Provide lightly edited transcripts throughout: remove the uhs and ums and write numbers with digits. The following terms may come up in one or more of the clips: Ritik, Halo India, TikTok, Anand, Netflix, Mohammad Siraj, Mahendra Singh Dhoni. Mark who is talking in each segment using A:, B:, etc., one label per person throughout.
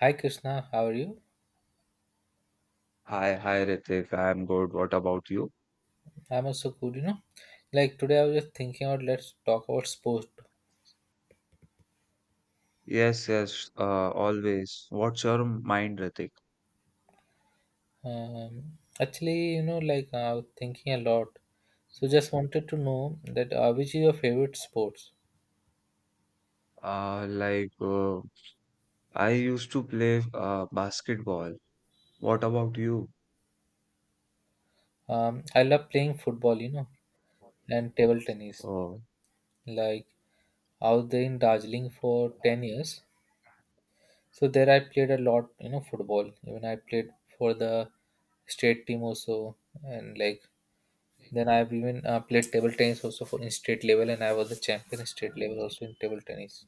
A: Hi Krishna, how are you?
B: Hi, hi, Ritik. I'm good. What about you?
A: I'm also good, you know. Like today, I was just thinking out. Let's talk about sport.
B: Yes, yes, always. What's your mind, Ritik?
A: Actually, you know, like I was thinking a lot. So just wanted to know that which is your favorite sports?
B: Like, I used to play basketball. What about you?
A: I love playing football, you know, and table tennis.
B: Oh,
A: Like I was there in Darjeeling for 10 years. So there, I played a lot, you know, football. Even I played for the state team also, and like then I've even played table tennis also for in state level, and I was the champion in state level also in table tennis.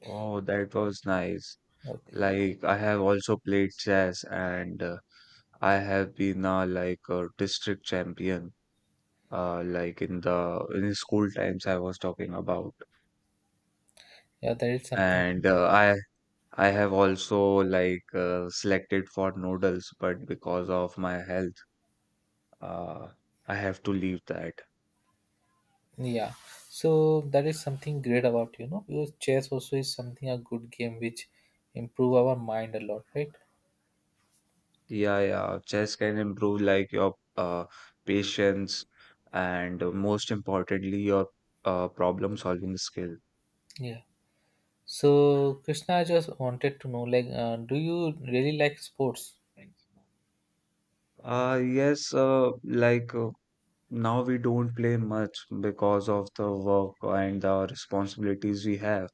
B: oh, that was nice.
A: Okay,
B: Like, I have also played chess, and I have been like a district champion. Like in the in school times I was talking about.
A: yeah, that is something.
B: And I have also like selected for noodles, but because of my health, uh, I have to leave that.
A: Yeah, so that is something great about you know because chess also is something a good game which improve our mind a lot, right?
B: Yeah, yeah. Chess can improve like your patience, and most importantly your problem solving skill.
A: Yeah. So Krishna, I just wanted to know, like, do you really like sports?
B: Yes, like, now we don't play much because of the work and the responsibilities we have.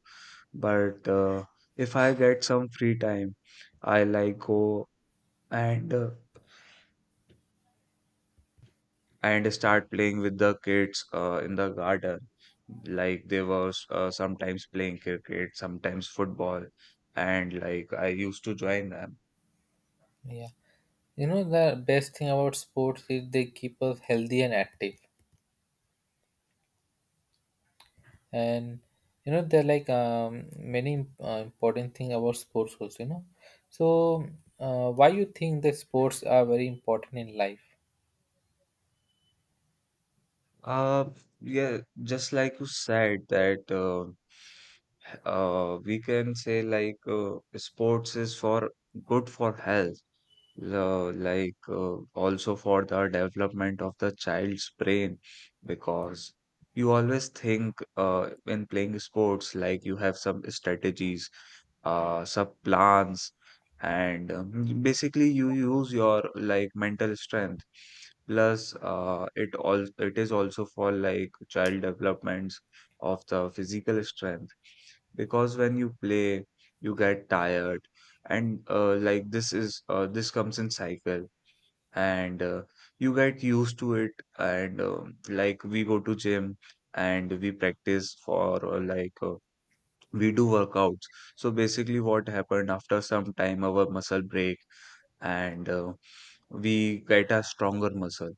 B: But if I get some free time, I like go and and start playing with the kids in the garden, like they were sometimes playing cricket, sometimes football, and like I used to join them.
A: Yeah. You know the best thing about sports is they keep us healthy and active. And you know there are like many important thing about sports also you know. So why you think that sports are very important in life?
B: Uh yeah just like you said that, we can say like sports is for good for health, the like also for the development of the child's brain, because you always think in playing sports, like you have some strategies, some plans, and basically you use your like mental strength, plus it is also for like child developments of the physical strength, because when you play, you get tired, and like this comes in cycle, and you get used to it. And like we go to gym, and we practice for like we do workouts. So basically, what happened after some time, our muscle break, and we get a stronger muscle.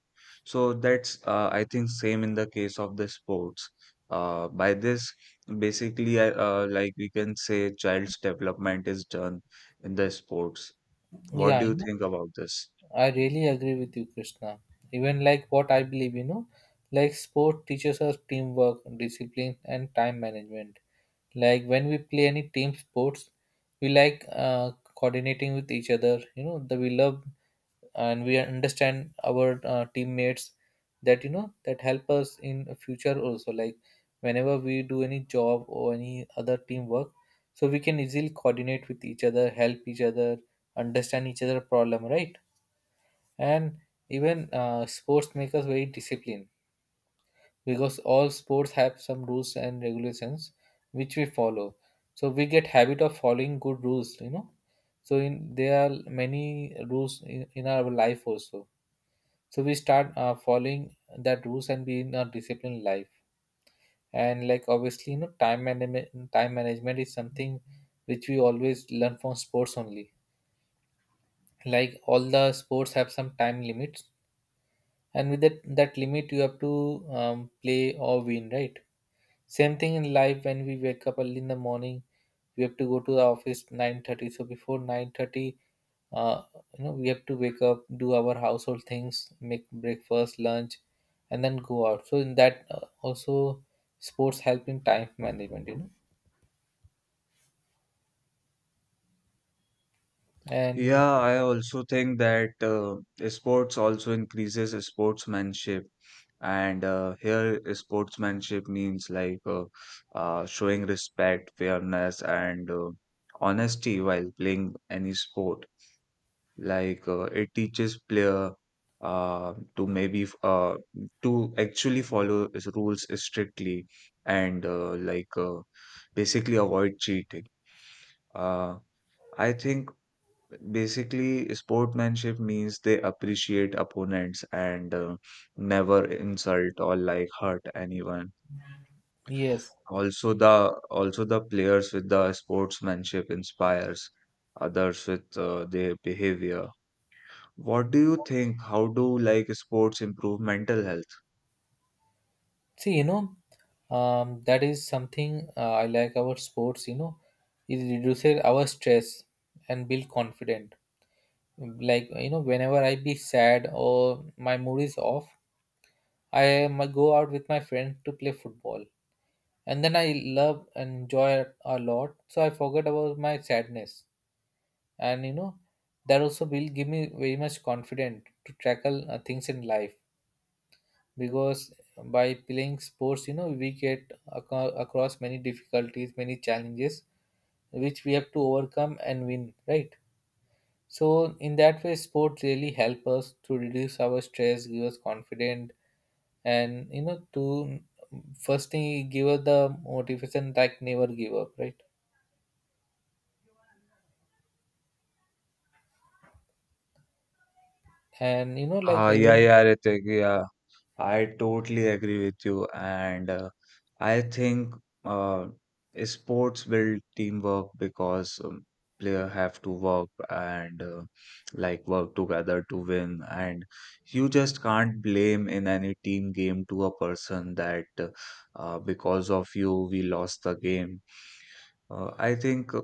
B: So that's I think same in the case of the sports. By this, basically, like we can say child's development is done in the sports. What
A: Yeah,
B: do
A: you
B: you
A: know,
B: think about this?
A: I really agree with you, Krishna. Even like what I believe, you know, like sport teaches us teamwork, discipline and time management. Like when we play any team sports, we like coordinating with each other, you know, the we love, and we understand our teammates. That you know that help us in future also, like whenever we do any job or any other teamwork, so we can easily coordinate with each other, help each other, understand each other problem, right? And even sports make us very disciplined because all sports have some rules and regulations which we follow. So we get habit of following good rules, you know. So in there are many rules in our life also, so we start following that rules and be in a disciplined life. And like obviously, you know, time management, time management is something which we always learn from sports only. Like all the sports have some time limits, and with that limit you have to play or win, right? Same thing in life when we wake up early in the morning, we have to go to the office 9:30. So before 9:30, uh, you know, we have to wake up, do our household things, make breakfast, lunch, and then go out. So in that also sports help in time management, you know. And
B: Yeah, I also think that sports also increases sportsmanship. And here, sportsmanship means like showing respect, fairness, and honesty while playing any sport. Like it teaches player uh, to maybe f- uh, to actually follow his rules strictly, and like basically avoid cheating. Uh, I think basically, sportsmanship means they appreciate opponents and never insult or like hurt anyone.
A: yes,
B: Also, the players with the sportsmanship inspires others with their behavior. What do you think? How do like sports improve mental health?
A: see, you know, that is something I like about sports. You know, it reduces our stress and build confidence. Like you know whenever I be sad or my mood is off, I might go out with my friend to play football, and then I love and enjoy it a lot, so I forget about my sadness. And you know that also will give me very much confident to tackle things in life because by playing sports, you know, we get aco- across many difficulties, many challenges, which we have to overcome and win, right? So in that way, sport really help us to reduce our stress, give us confidence, and you know, to first thing it give us the motivation like never give up, right? And you know, like
B: Ah, yeah,
A: even
B: yeah, Ritik, yeah. I totally agree with you, and I think uh, sports build teamwork, because player have to work together to win, and you just can't blame in any team game to a person that because of you we lost the game. I think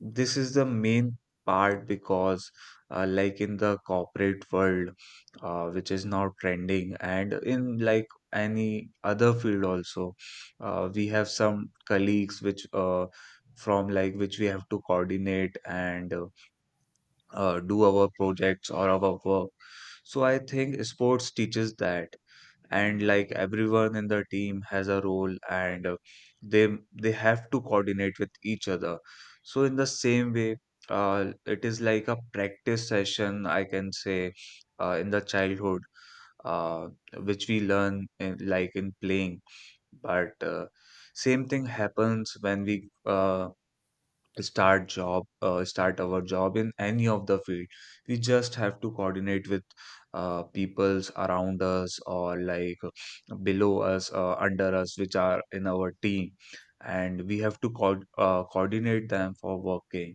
B: this is the main part, because like in the corporate world, which is now trending, and in like any other field also, we have some colleagues which from like which we have to coordinate, and do our projects or our work. So I think sports teaches that, and like everyone in the team has a role, and they they have to coordinate with each other. So in the same way, it is like a practice session, I can say, in the childhood, uh, which we learn like in playing. But same thing happens when we start our job in any of the field. We just have to coordinate with peoples around us, or like below us, under us, which are in our team, and we have to coordinate them for working.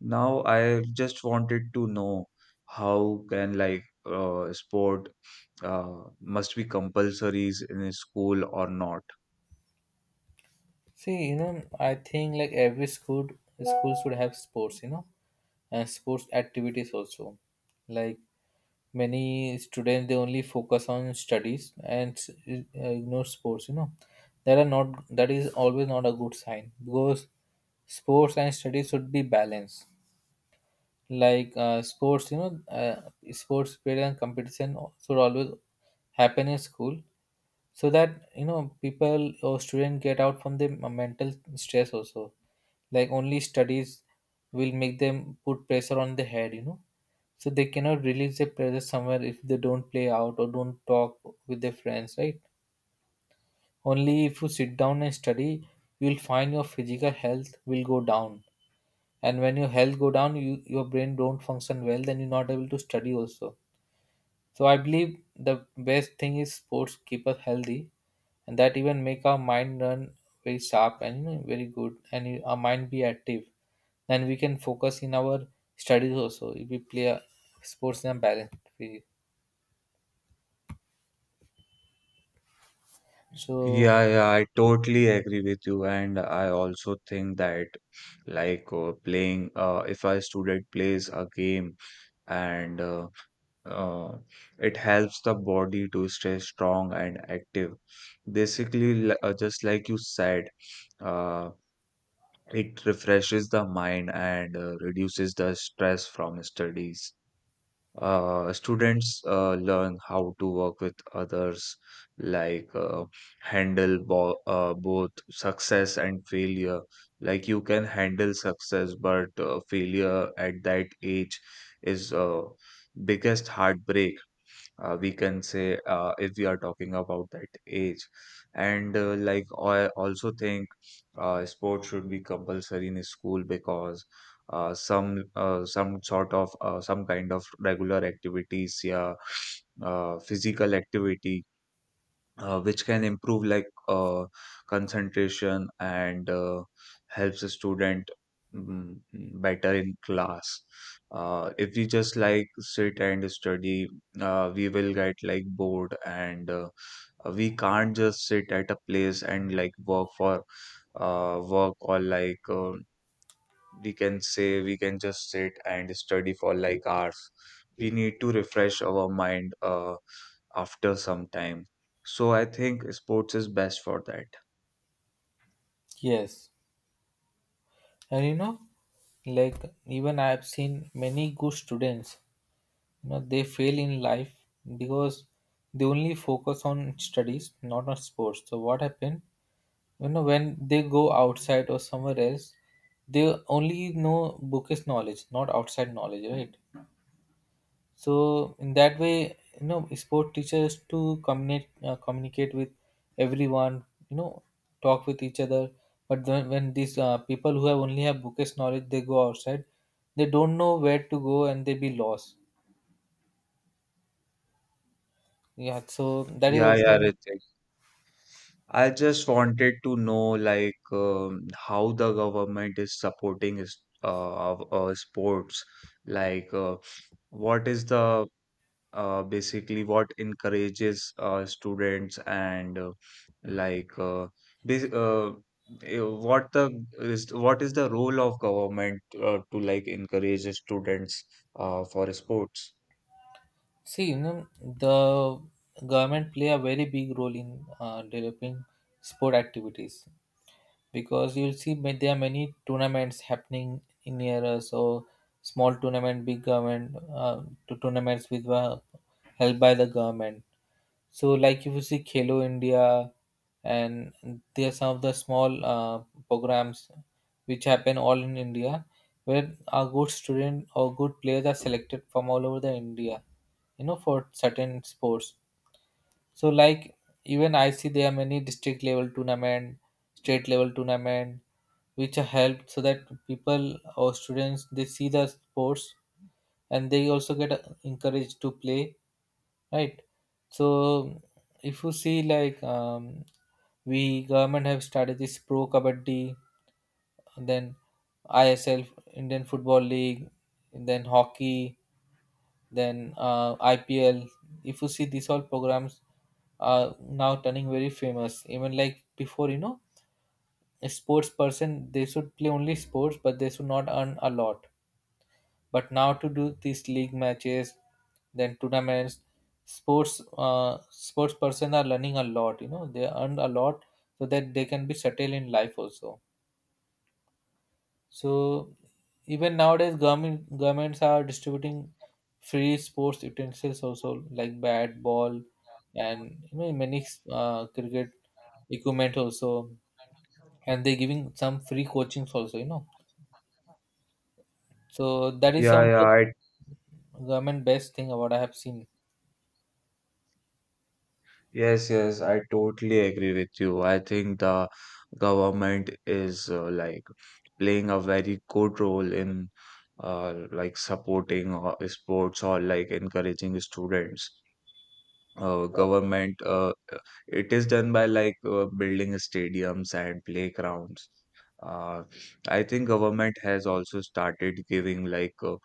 B: Now, I just wanted to know how can like sport must be compulsories in a school or not.
A: see, you know, I think like every school should have sports, you know, and sports activities also. Like many students they only focus on studies and s- ignore sports, you know. That are not that is always not a good sign because sports and studies should be balanced. Like sports, you know, sports period and competition should always happen in school, so that you know people or student get out from the mental stress also. Like only studies will make them put pressure on the head, you know. So they cannot release their pressure somewhere if they don't play out or don't talk with their friends, right? Only if you sit down and study, you'll find your physical health will go down. And when your health go down, you your brain don't function well, then you're not able to study also. So I believe the best thing is sports keep us healthy, and that even make our mind run very sharp and you know, very good, and our mind be active. Then we can focus in our studies also if we play a sports in a balanced way. So
B: Yeah, yeah, I totally agree with you, and I also think that like playing if a student plays a game, and uh, it helps the body to stay strong and active. Basically, just like you said. uh, It refreshes the mind and reduces the stress from studies. Students learn how to work with others, like handle both success and failure. Like you can handle success, but failure at that age is biggest heartbreak, we can say, if we are talking about that age. And like I also think sports should be compulsory in school, because some sort of some kind of regular activities, yeah, physical activity which can improve like concentration, and helps a student mm, better in class. If we just like sit and study, we will get like bored, and we can't just sit at a place and like work for work or like we can say we can just sit and study for like hours. We need to refresh our mind after some time. So I think sports is best for that.
A: yes, and you know, like even I have seen many good students, you know, they fail in life because they only focus on studies, not on sports. So what happened? You know, when they go outside or somewhere else, they only know bookish knowledge, not outside knowledge, right? So in that way, you know, sport teachers to communicate communicate with everyone. You know, talk with each other. But then when these people who have only have bookish knowledge, they go outside, they don't know where to go and they be lost. Yeah, so that is
B: Yeah, yeah,
A: also
B: Ritik. I just wanted to know like how the government is supporting sports, like what is the basically what encourages students, and like this what is the role of government to like encourage the students for sports.
A: see, you know, the government play a very big role in developing sport activities because you'll see ma- there are many tournaments happening in near us. So small tournament, big government to tournaments with were held by the government. So like if you see Khelo India, and there are some of the small programs which happen all in India, where a good student or good players are selected from all over the India, you know, for certain sports. So like even I see there are many district level tournament, state level tournament, which are helped so that people or students they see the sports, and they also get encouraged to play, right? So if you see like we government have started this pro kabaddi, and then ISL Indian Football League, and then hockey, then IPL. If you see these all programs are now turning very famous. Even like before, you know, a sports person they should play only sports, but they should not earn a lot. But now to do these league matches, then tournaments, sports person are learning a lot. You know, they earn a lot so that they can be settled in life also. So even nowadays, governments are distributing free sports utensils also like bat, ball, and you know many cricket equipment also, and they're giving some free coachings also. You know, so that is
B: yeah
A: some of
B: yeah
A: the
B: i
A: government best thing about I have seen.
B: Yes, yes, I totally agree with you. I think the government is like playing a very good role in like supporting sports or like encouraging students. Government it is done by like building stadiums and playgrounds. Uh, I think government has also started giving like uh,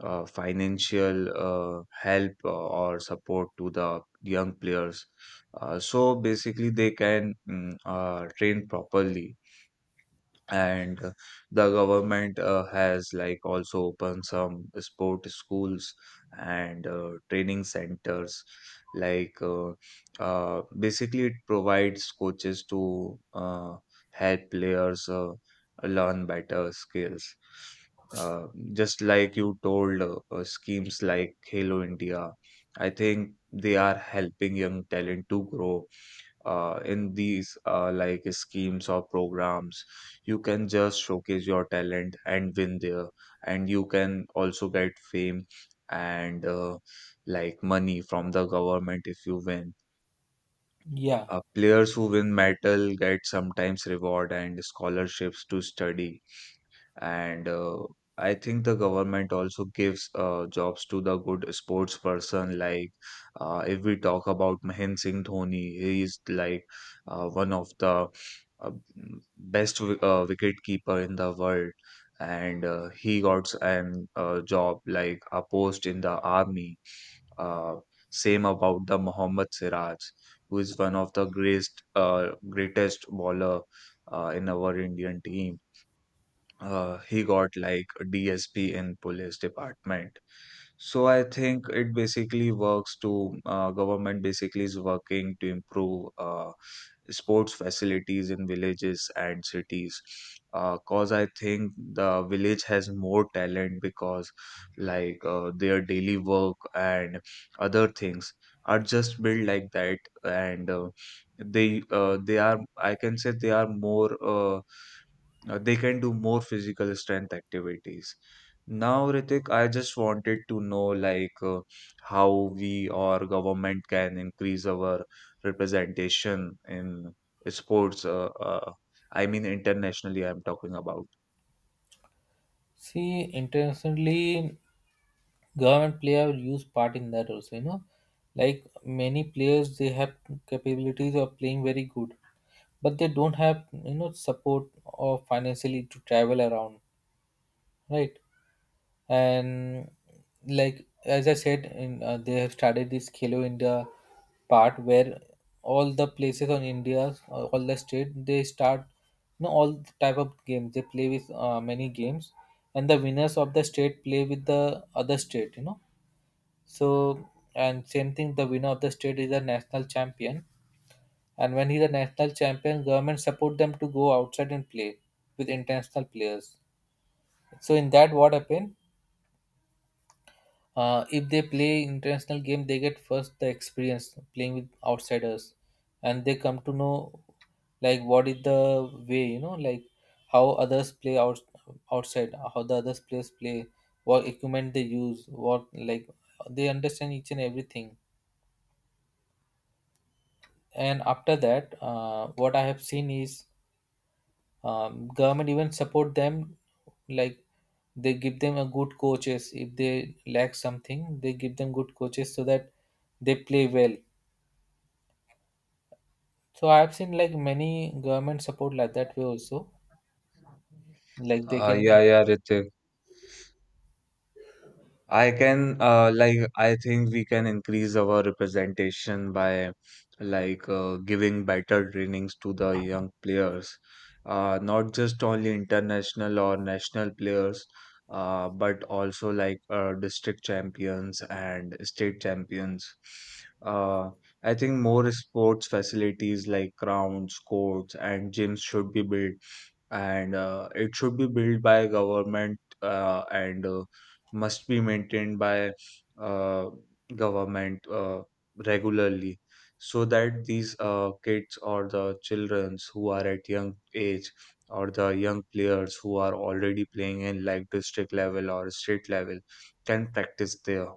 B: uh, financial help or support to the young players. So basically, they can train properly, and the government has like also opened some sport schools and training centers, like basically it provides coaches to help players learn better skills, uh, just like you told, schemes like Halo India. I think they are helping young talent to grow in these like schemes or programs. You can just showcase your talent and win there, and you can also get fame and like money from the government if you win.
A: Yeah.
B: Players who win medal get sometimes reward and scholarships to study, and I think the government also gives jobs to the good sports person, like if we talk about Mahendra Singh Dhoni, he is like one of the uh, best wicket keeper in the world, and he got an job like a post in the army. uh, Same about the Mohammad Siraj, who is one of the greatest greatest bowler in our Indian team. He got like a DSP in police department. So I think it basically works to government basically is working to improve sports facilities in villages and cities. Cause I think the village has more talent, because like their daily work and other things are just built like that, and they are, I can say, they can do more physical strength activities. Now, Ritik, I just wanted to know like how we or government can increase our representation in sports. I mean, internationally, I'm talking about.
A: See, internationally, government player use part in that also, you know. Like many players, they have capabilities of playing very good, but they don't have you know support or financially to travel around, right? And like as I said in, they have started this Khelo India part where all the places on India all the state they start, you know, all the type of games they play with many games, and the winners of the state play with the other state, you know. So and same thing the winner of the state is a national champion, and when he's a national champion, government support them to go outside and play with international players. So in that, what happened? If they play international game, they get first the experience playing with outsiders, and they come to know like what is the way, you know, like how others play out outside, how the others players play, what equipment they use, what like they understand each and everything. And after that, what I have seen is government even support them like they give them a good coaches. If they lack something, they give them good coaches so that they play well. So I have seen like many government support like that way also, like they
B: Yeah,
A: can
B: yeah, Ritik. I can like I think we can increase our representation by like giving better trainings to the young players, not just only international or national players, but also like district champions and state champions. Uh, I think more sports facilities like grounds, courts, and gyms should be built, and it should be built by government and must be maintained by uh, government regularly, so that these kids or the childrens who are at young age, or the young players who are already playing in like district level or state level, can practice there.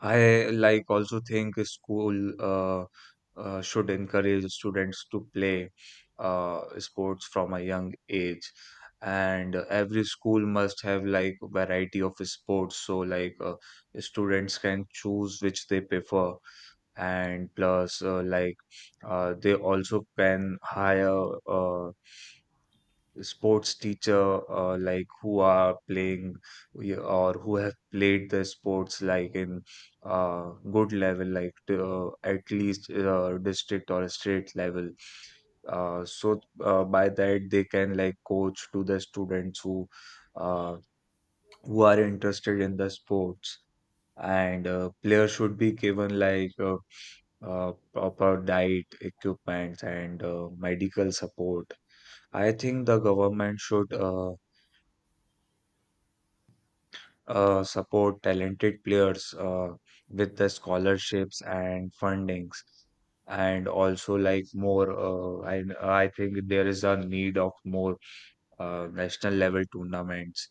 B: I like also think school uh, should encourage students to play sports from a young age, and every school must have like variety of sports, so like students can choose which they prefer, and plus like they also can hire sports teacher like who are playing y- or who have played the sports like in good level, like to, at least district or state level, so by that they can like coach to the students uh, who are interested in the sports, and players should be given like proper diet equipments and medical support. I think the government should support talented players with the scholarships and fundings, and also like more. I think there is a need of more national level tournaments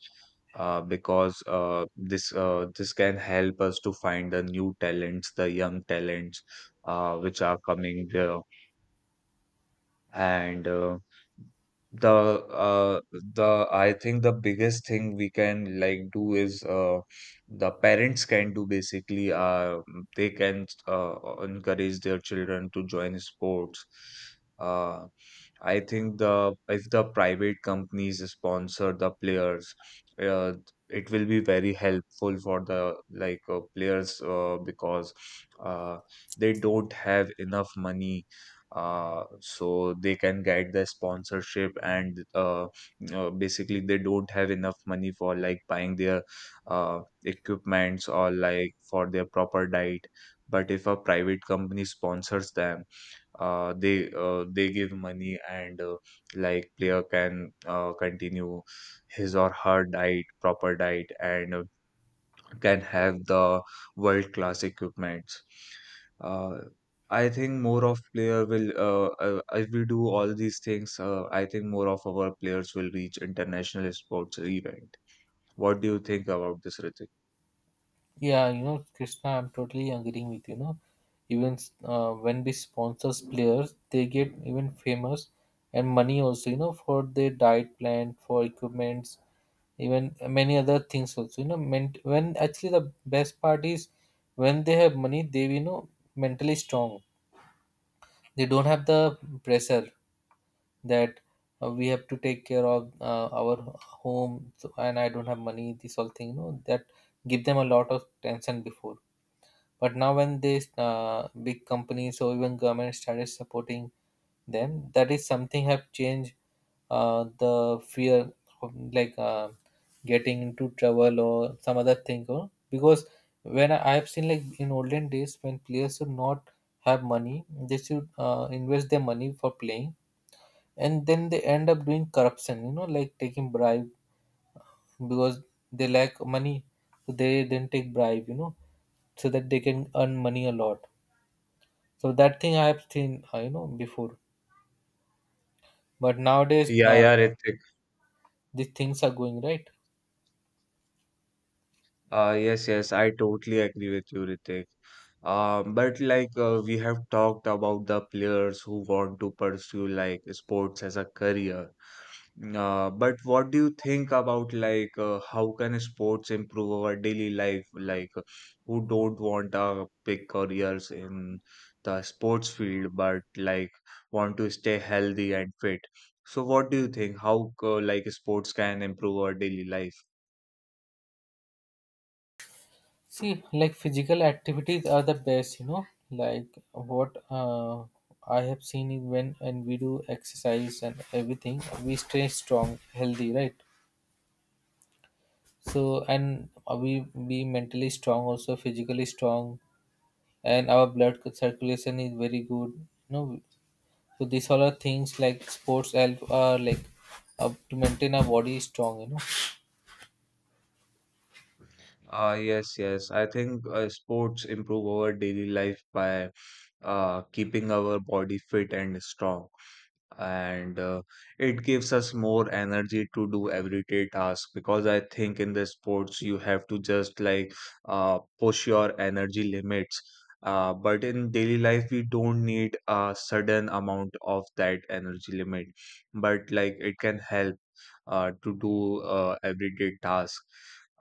B: because this can help us to find the new talents, the young talents which are coming there and the uh, the I think the biggest thing we can do is the parents can do basically, they can encourage their children to join sports. Uh, I think the if the private companies sponsor the players, uh, it will be very helpful for the players because uh, they don't have enough money, so they can get the sponsorship and basically they don't have enough money for like buying their uh, equipments or like for their proper diet. But if a private company sponsors them, they give money and like player can continue his or her diet proper diet and can have the world class equipments. uh, I think more of player will if we do all these things, I think more of our players will reach international sports event. What do you think about this, Ritik?
A: Yeah, you know, Krishna, I'm totally agreeing with you. Know, even when we sponsors players, they get even famous and money also. You know, for their diet plan, for equipments, even many other things also. You know, ment- when actually the best part is when they have money, they you know mentally strong. They don't have the pressure that we have to take care of our home so, and I don't have money. This all thing, you know, that give them a lot of tension before, but now when these big companies or even government started supporting them, that is something have changed the fear of like getting into trouble or some other thing. Or because when I have seen like in olden days when players should not have money, they should invest their money for playing, and then they end up doing corruption. You know, like taking bribe because they lack money, so they then take bribe. You know, so that they can earn money a lot. So that thing I have seen, you know, before. But nowadays,
B: Yeah, yeah, Ritik.
A: these things are going right.
B: Yes, yes, I totally agree with you, Ritik. But we have talked about the players who want to pursue like sports as a career. But what do you think about how can sports improve our daily life? Who don't want big careers in the sports field, but like want to stay healthy and fit. So what do you think? How like sports can improve our daily life?
A: See, like physical activities are the best, you know. Like what I have seen is when and we do exercise and everything, we stay strong, healthy, right? So and we be mentally strong, also physically strong, and our blood circulation is very good. You know, so these all are things like sports help, like to maintain our body strong. You know.
B: Yes, yes. I think sports improve our daily life by keeping our body fit and strong. And it gives us more energy to do everyday tasks, because I think in the sports you have to just like push your energy limits. But in daily life, we don't need a sudden amount of that energy limit, but like it can help to do everyday task.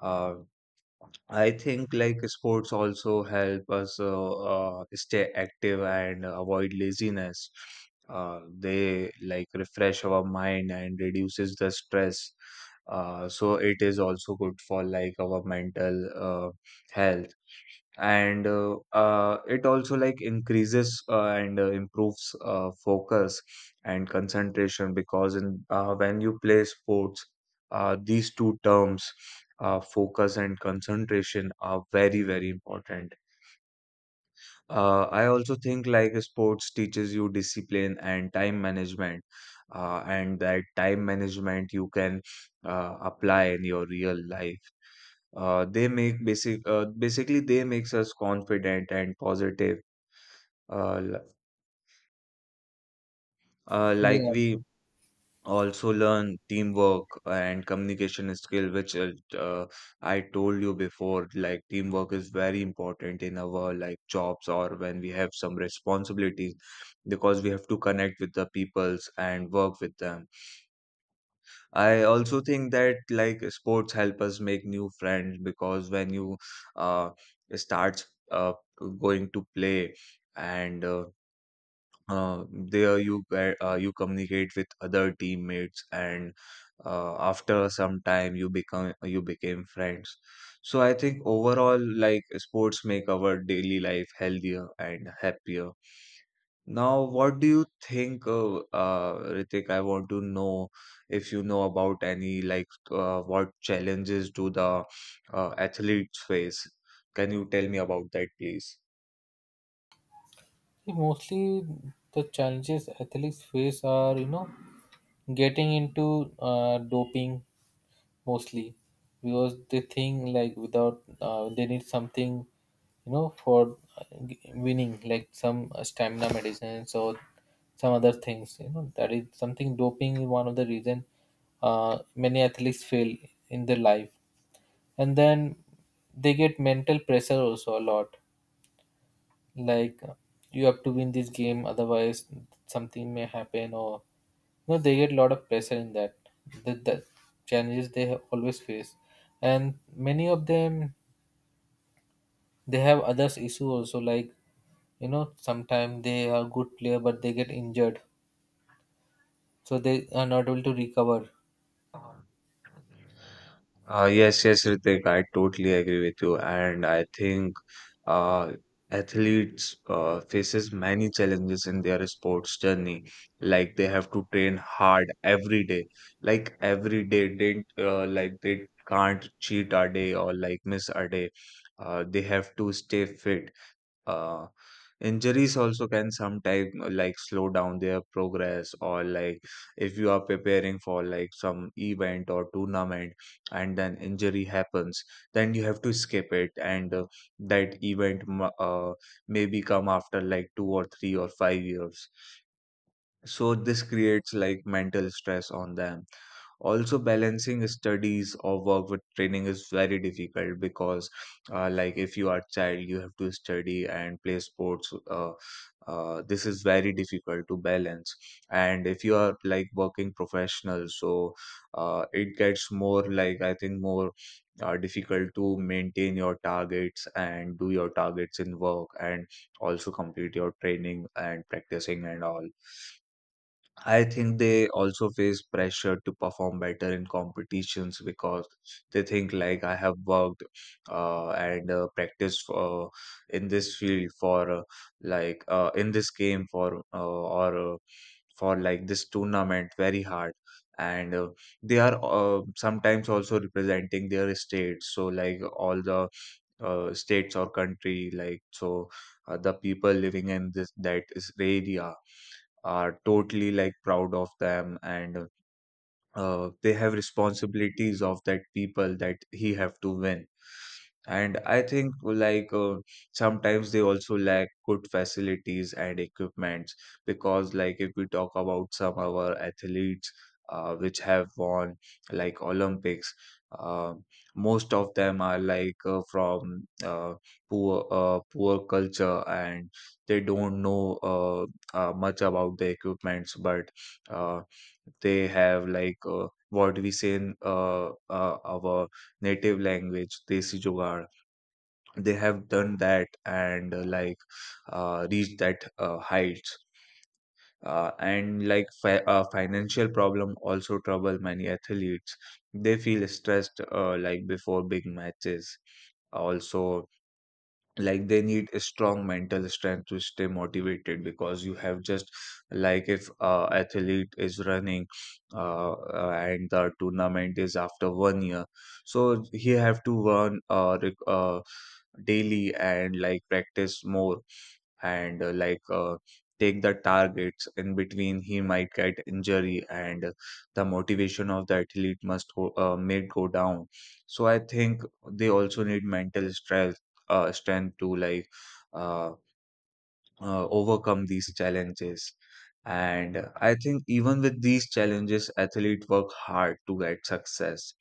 B: Uh, I think like sports also help us stay active and avoid laziness. They like refresh our mind and reduces the stress. So it is also good for like our mental health, and it also like increases and improves focus and concentration, because in when you play sports, these two terms, focus and concentration, are very, very important. I also think like sports teaches you discipline and time management, and that time management you can apply in your real life. They make basic basically they makes us confident and positive. Uh, l- like
A: Yeah.
B: we also learn teamwork and communication skill which uh, I told you before like teamwork is very important in our like jobs or when we have some responsibilities, because we have to connect with the peoples and work with them. I also think that like sports help us make new friends, because when you uh, start uh, going to play and uh, there you communicate with other teammates, and after some time you become you became friends. So I think overall like sports make our daily life healthier and happier. Now what do you think, Ritik? I want to know if you know about any what challenges do the athletes face. Can you tell me about that, please?
A: Mostly the challenges athletes face are, you know, getting into doping mostly because they think like without they need something, you know, for g- winning like some stamina medicines or some other things. You know, that is something doping is one of the reason many athletes fail in their life, and then they get mental pressure also a lot like you have to win this game, otherwise something may happen. Or you know they get a lot of pressure in that. The challenges they have always face, and many of them they have others issue also. Like you know sometimes they are good player but they get injured, so they are not able to recover.
B: Yes, yes, Ritik, I totally agree with you, and I think uh, athletes faces many challenges in their sports journey. Like they have to train hard every day, like every day they like they can't cheat a day or like miss a day. They have to stay fit. uh, Injuries also can sometime like slow down their progress, or like if you are preparing for like some event or tournament and then injury happens, then you have to skip it, and that event maybe come after like 2 or 3 or 5 years, so this creates like mental stress on them. Also balancing studies or work with training is very difficult, because like if you are child you have to study and play sports. This is very difficult to balance, and if you are like working professional, so it gets more, like I think more difficult to maintain your targets and do your targets in work and also complete your training and practicing and all. I think they also face pressure to perform better in competitions, because they think like I have worked and practiced in this field for in this game for like this tournament very hard, and they are sometimes also representing their states, so like all the states or country like, so the people living in this that is area are totally like proud of them, and they have responsibilities of that people that he have to win. And I think sometimes they also lack good facilities and equipments, because like if we talk about some of our athletes which have won like Olympics, um most of them are like from poor poor culture, and they don't know much about the equipments, but uh, they have like what we say in our native language, Desi Jugaad. They have done that and reached that heights. And like financial problem also trouble many athletes. They feel stressed like before big matches also. Like they need a strong mental strength to stay motivated, because you have just like if athlete is running, and the tournament is after 1 year, so he have to run daily and like practice more, and take the targets in between he might get injury, and the motivation of the athlete may go down. So I think they also need mental strength, strength to like uh, overcome these challenges. And I think even with these challenges athletes work hard to get success.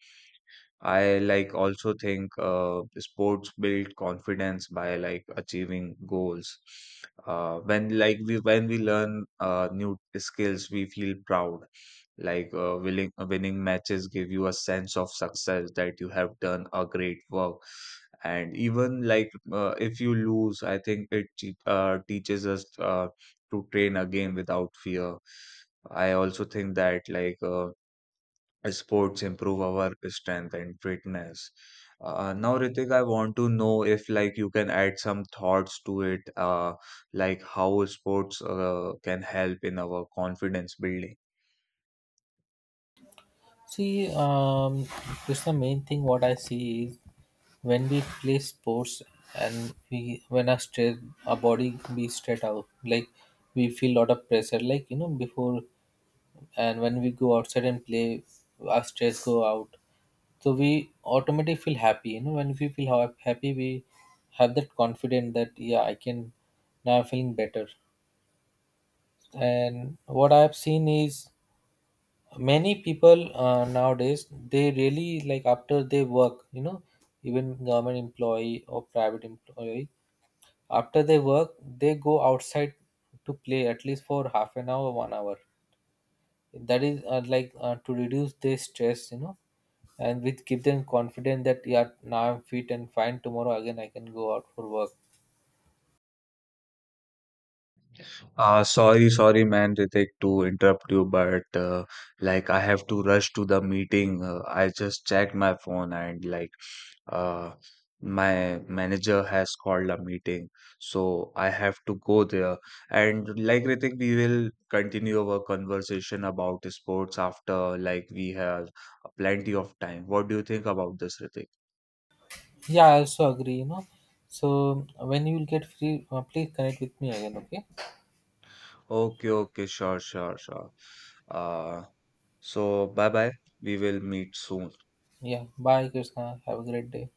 B: I like also think sports build confidence by like achieving goals. When we learn new skills, we feel proud. Like winning matches give you a sense of success that you have done a great work. And even like if you lose, I think it teaches us to train again without fear. I also think that like. Sports improve our strength and fitness. Now, Ritik, I want to know if like you can add some thoughts to it, like how sports can help in our confidence building.
A: See, it's the main thing what I see is when we play sports, and we when our stress our body be straight out like we feel lot of pressure like you know before, and when we go outside and play our stress go out, so we automatically feel happy. You know, when we feel ha- happy we have that confidence that yeah I can now I'm feeling better. And what I have seen is many people nowadays they really like after they work, you know, even government employee or private employee, after they work they go outside to play at least for half an hour 1 hour. That is like to reduce their stress, you know, and which give them confidence that yeah now I'm fit and fine tomorrow again I can go out for work.
B: Sorry, sorry, man, Ritik, to interrupt you, but like I have to rush to the meeting. I just checked my phone, and like uh, my manager has called a meeting, so I have to go there. And like Ritik, we will continue our conversation about sports after, like, we have plenty of time. What do you think about this, Ritik?
A: Yeah I also agree, you know. So when you will get free, please connect with me again, okay?
B: Okay, okay, sure, sure, sure. Uh, so bye bye. We will meet soon.
A: Yeah, bye Krishna, have a great day.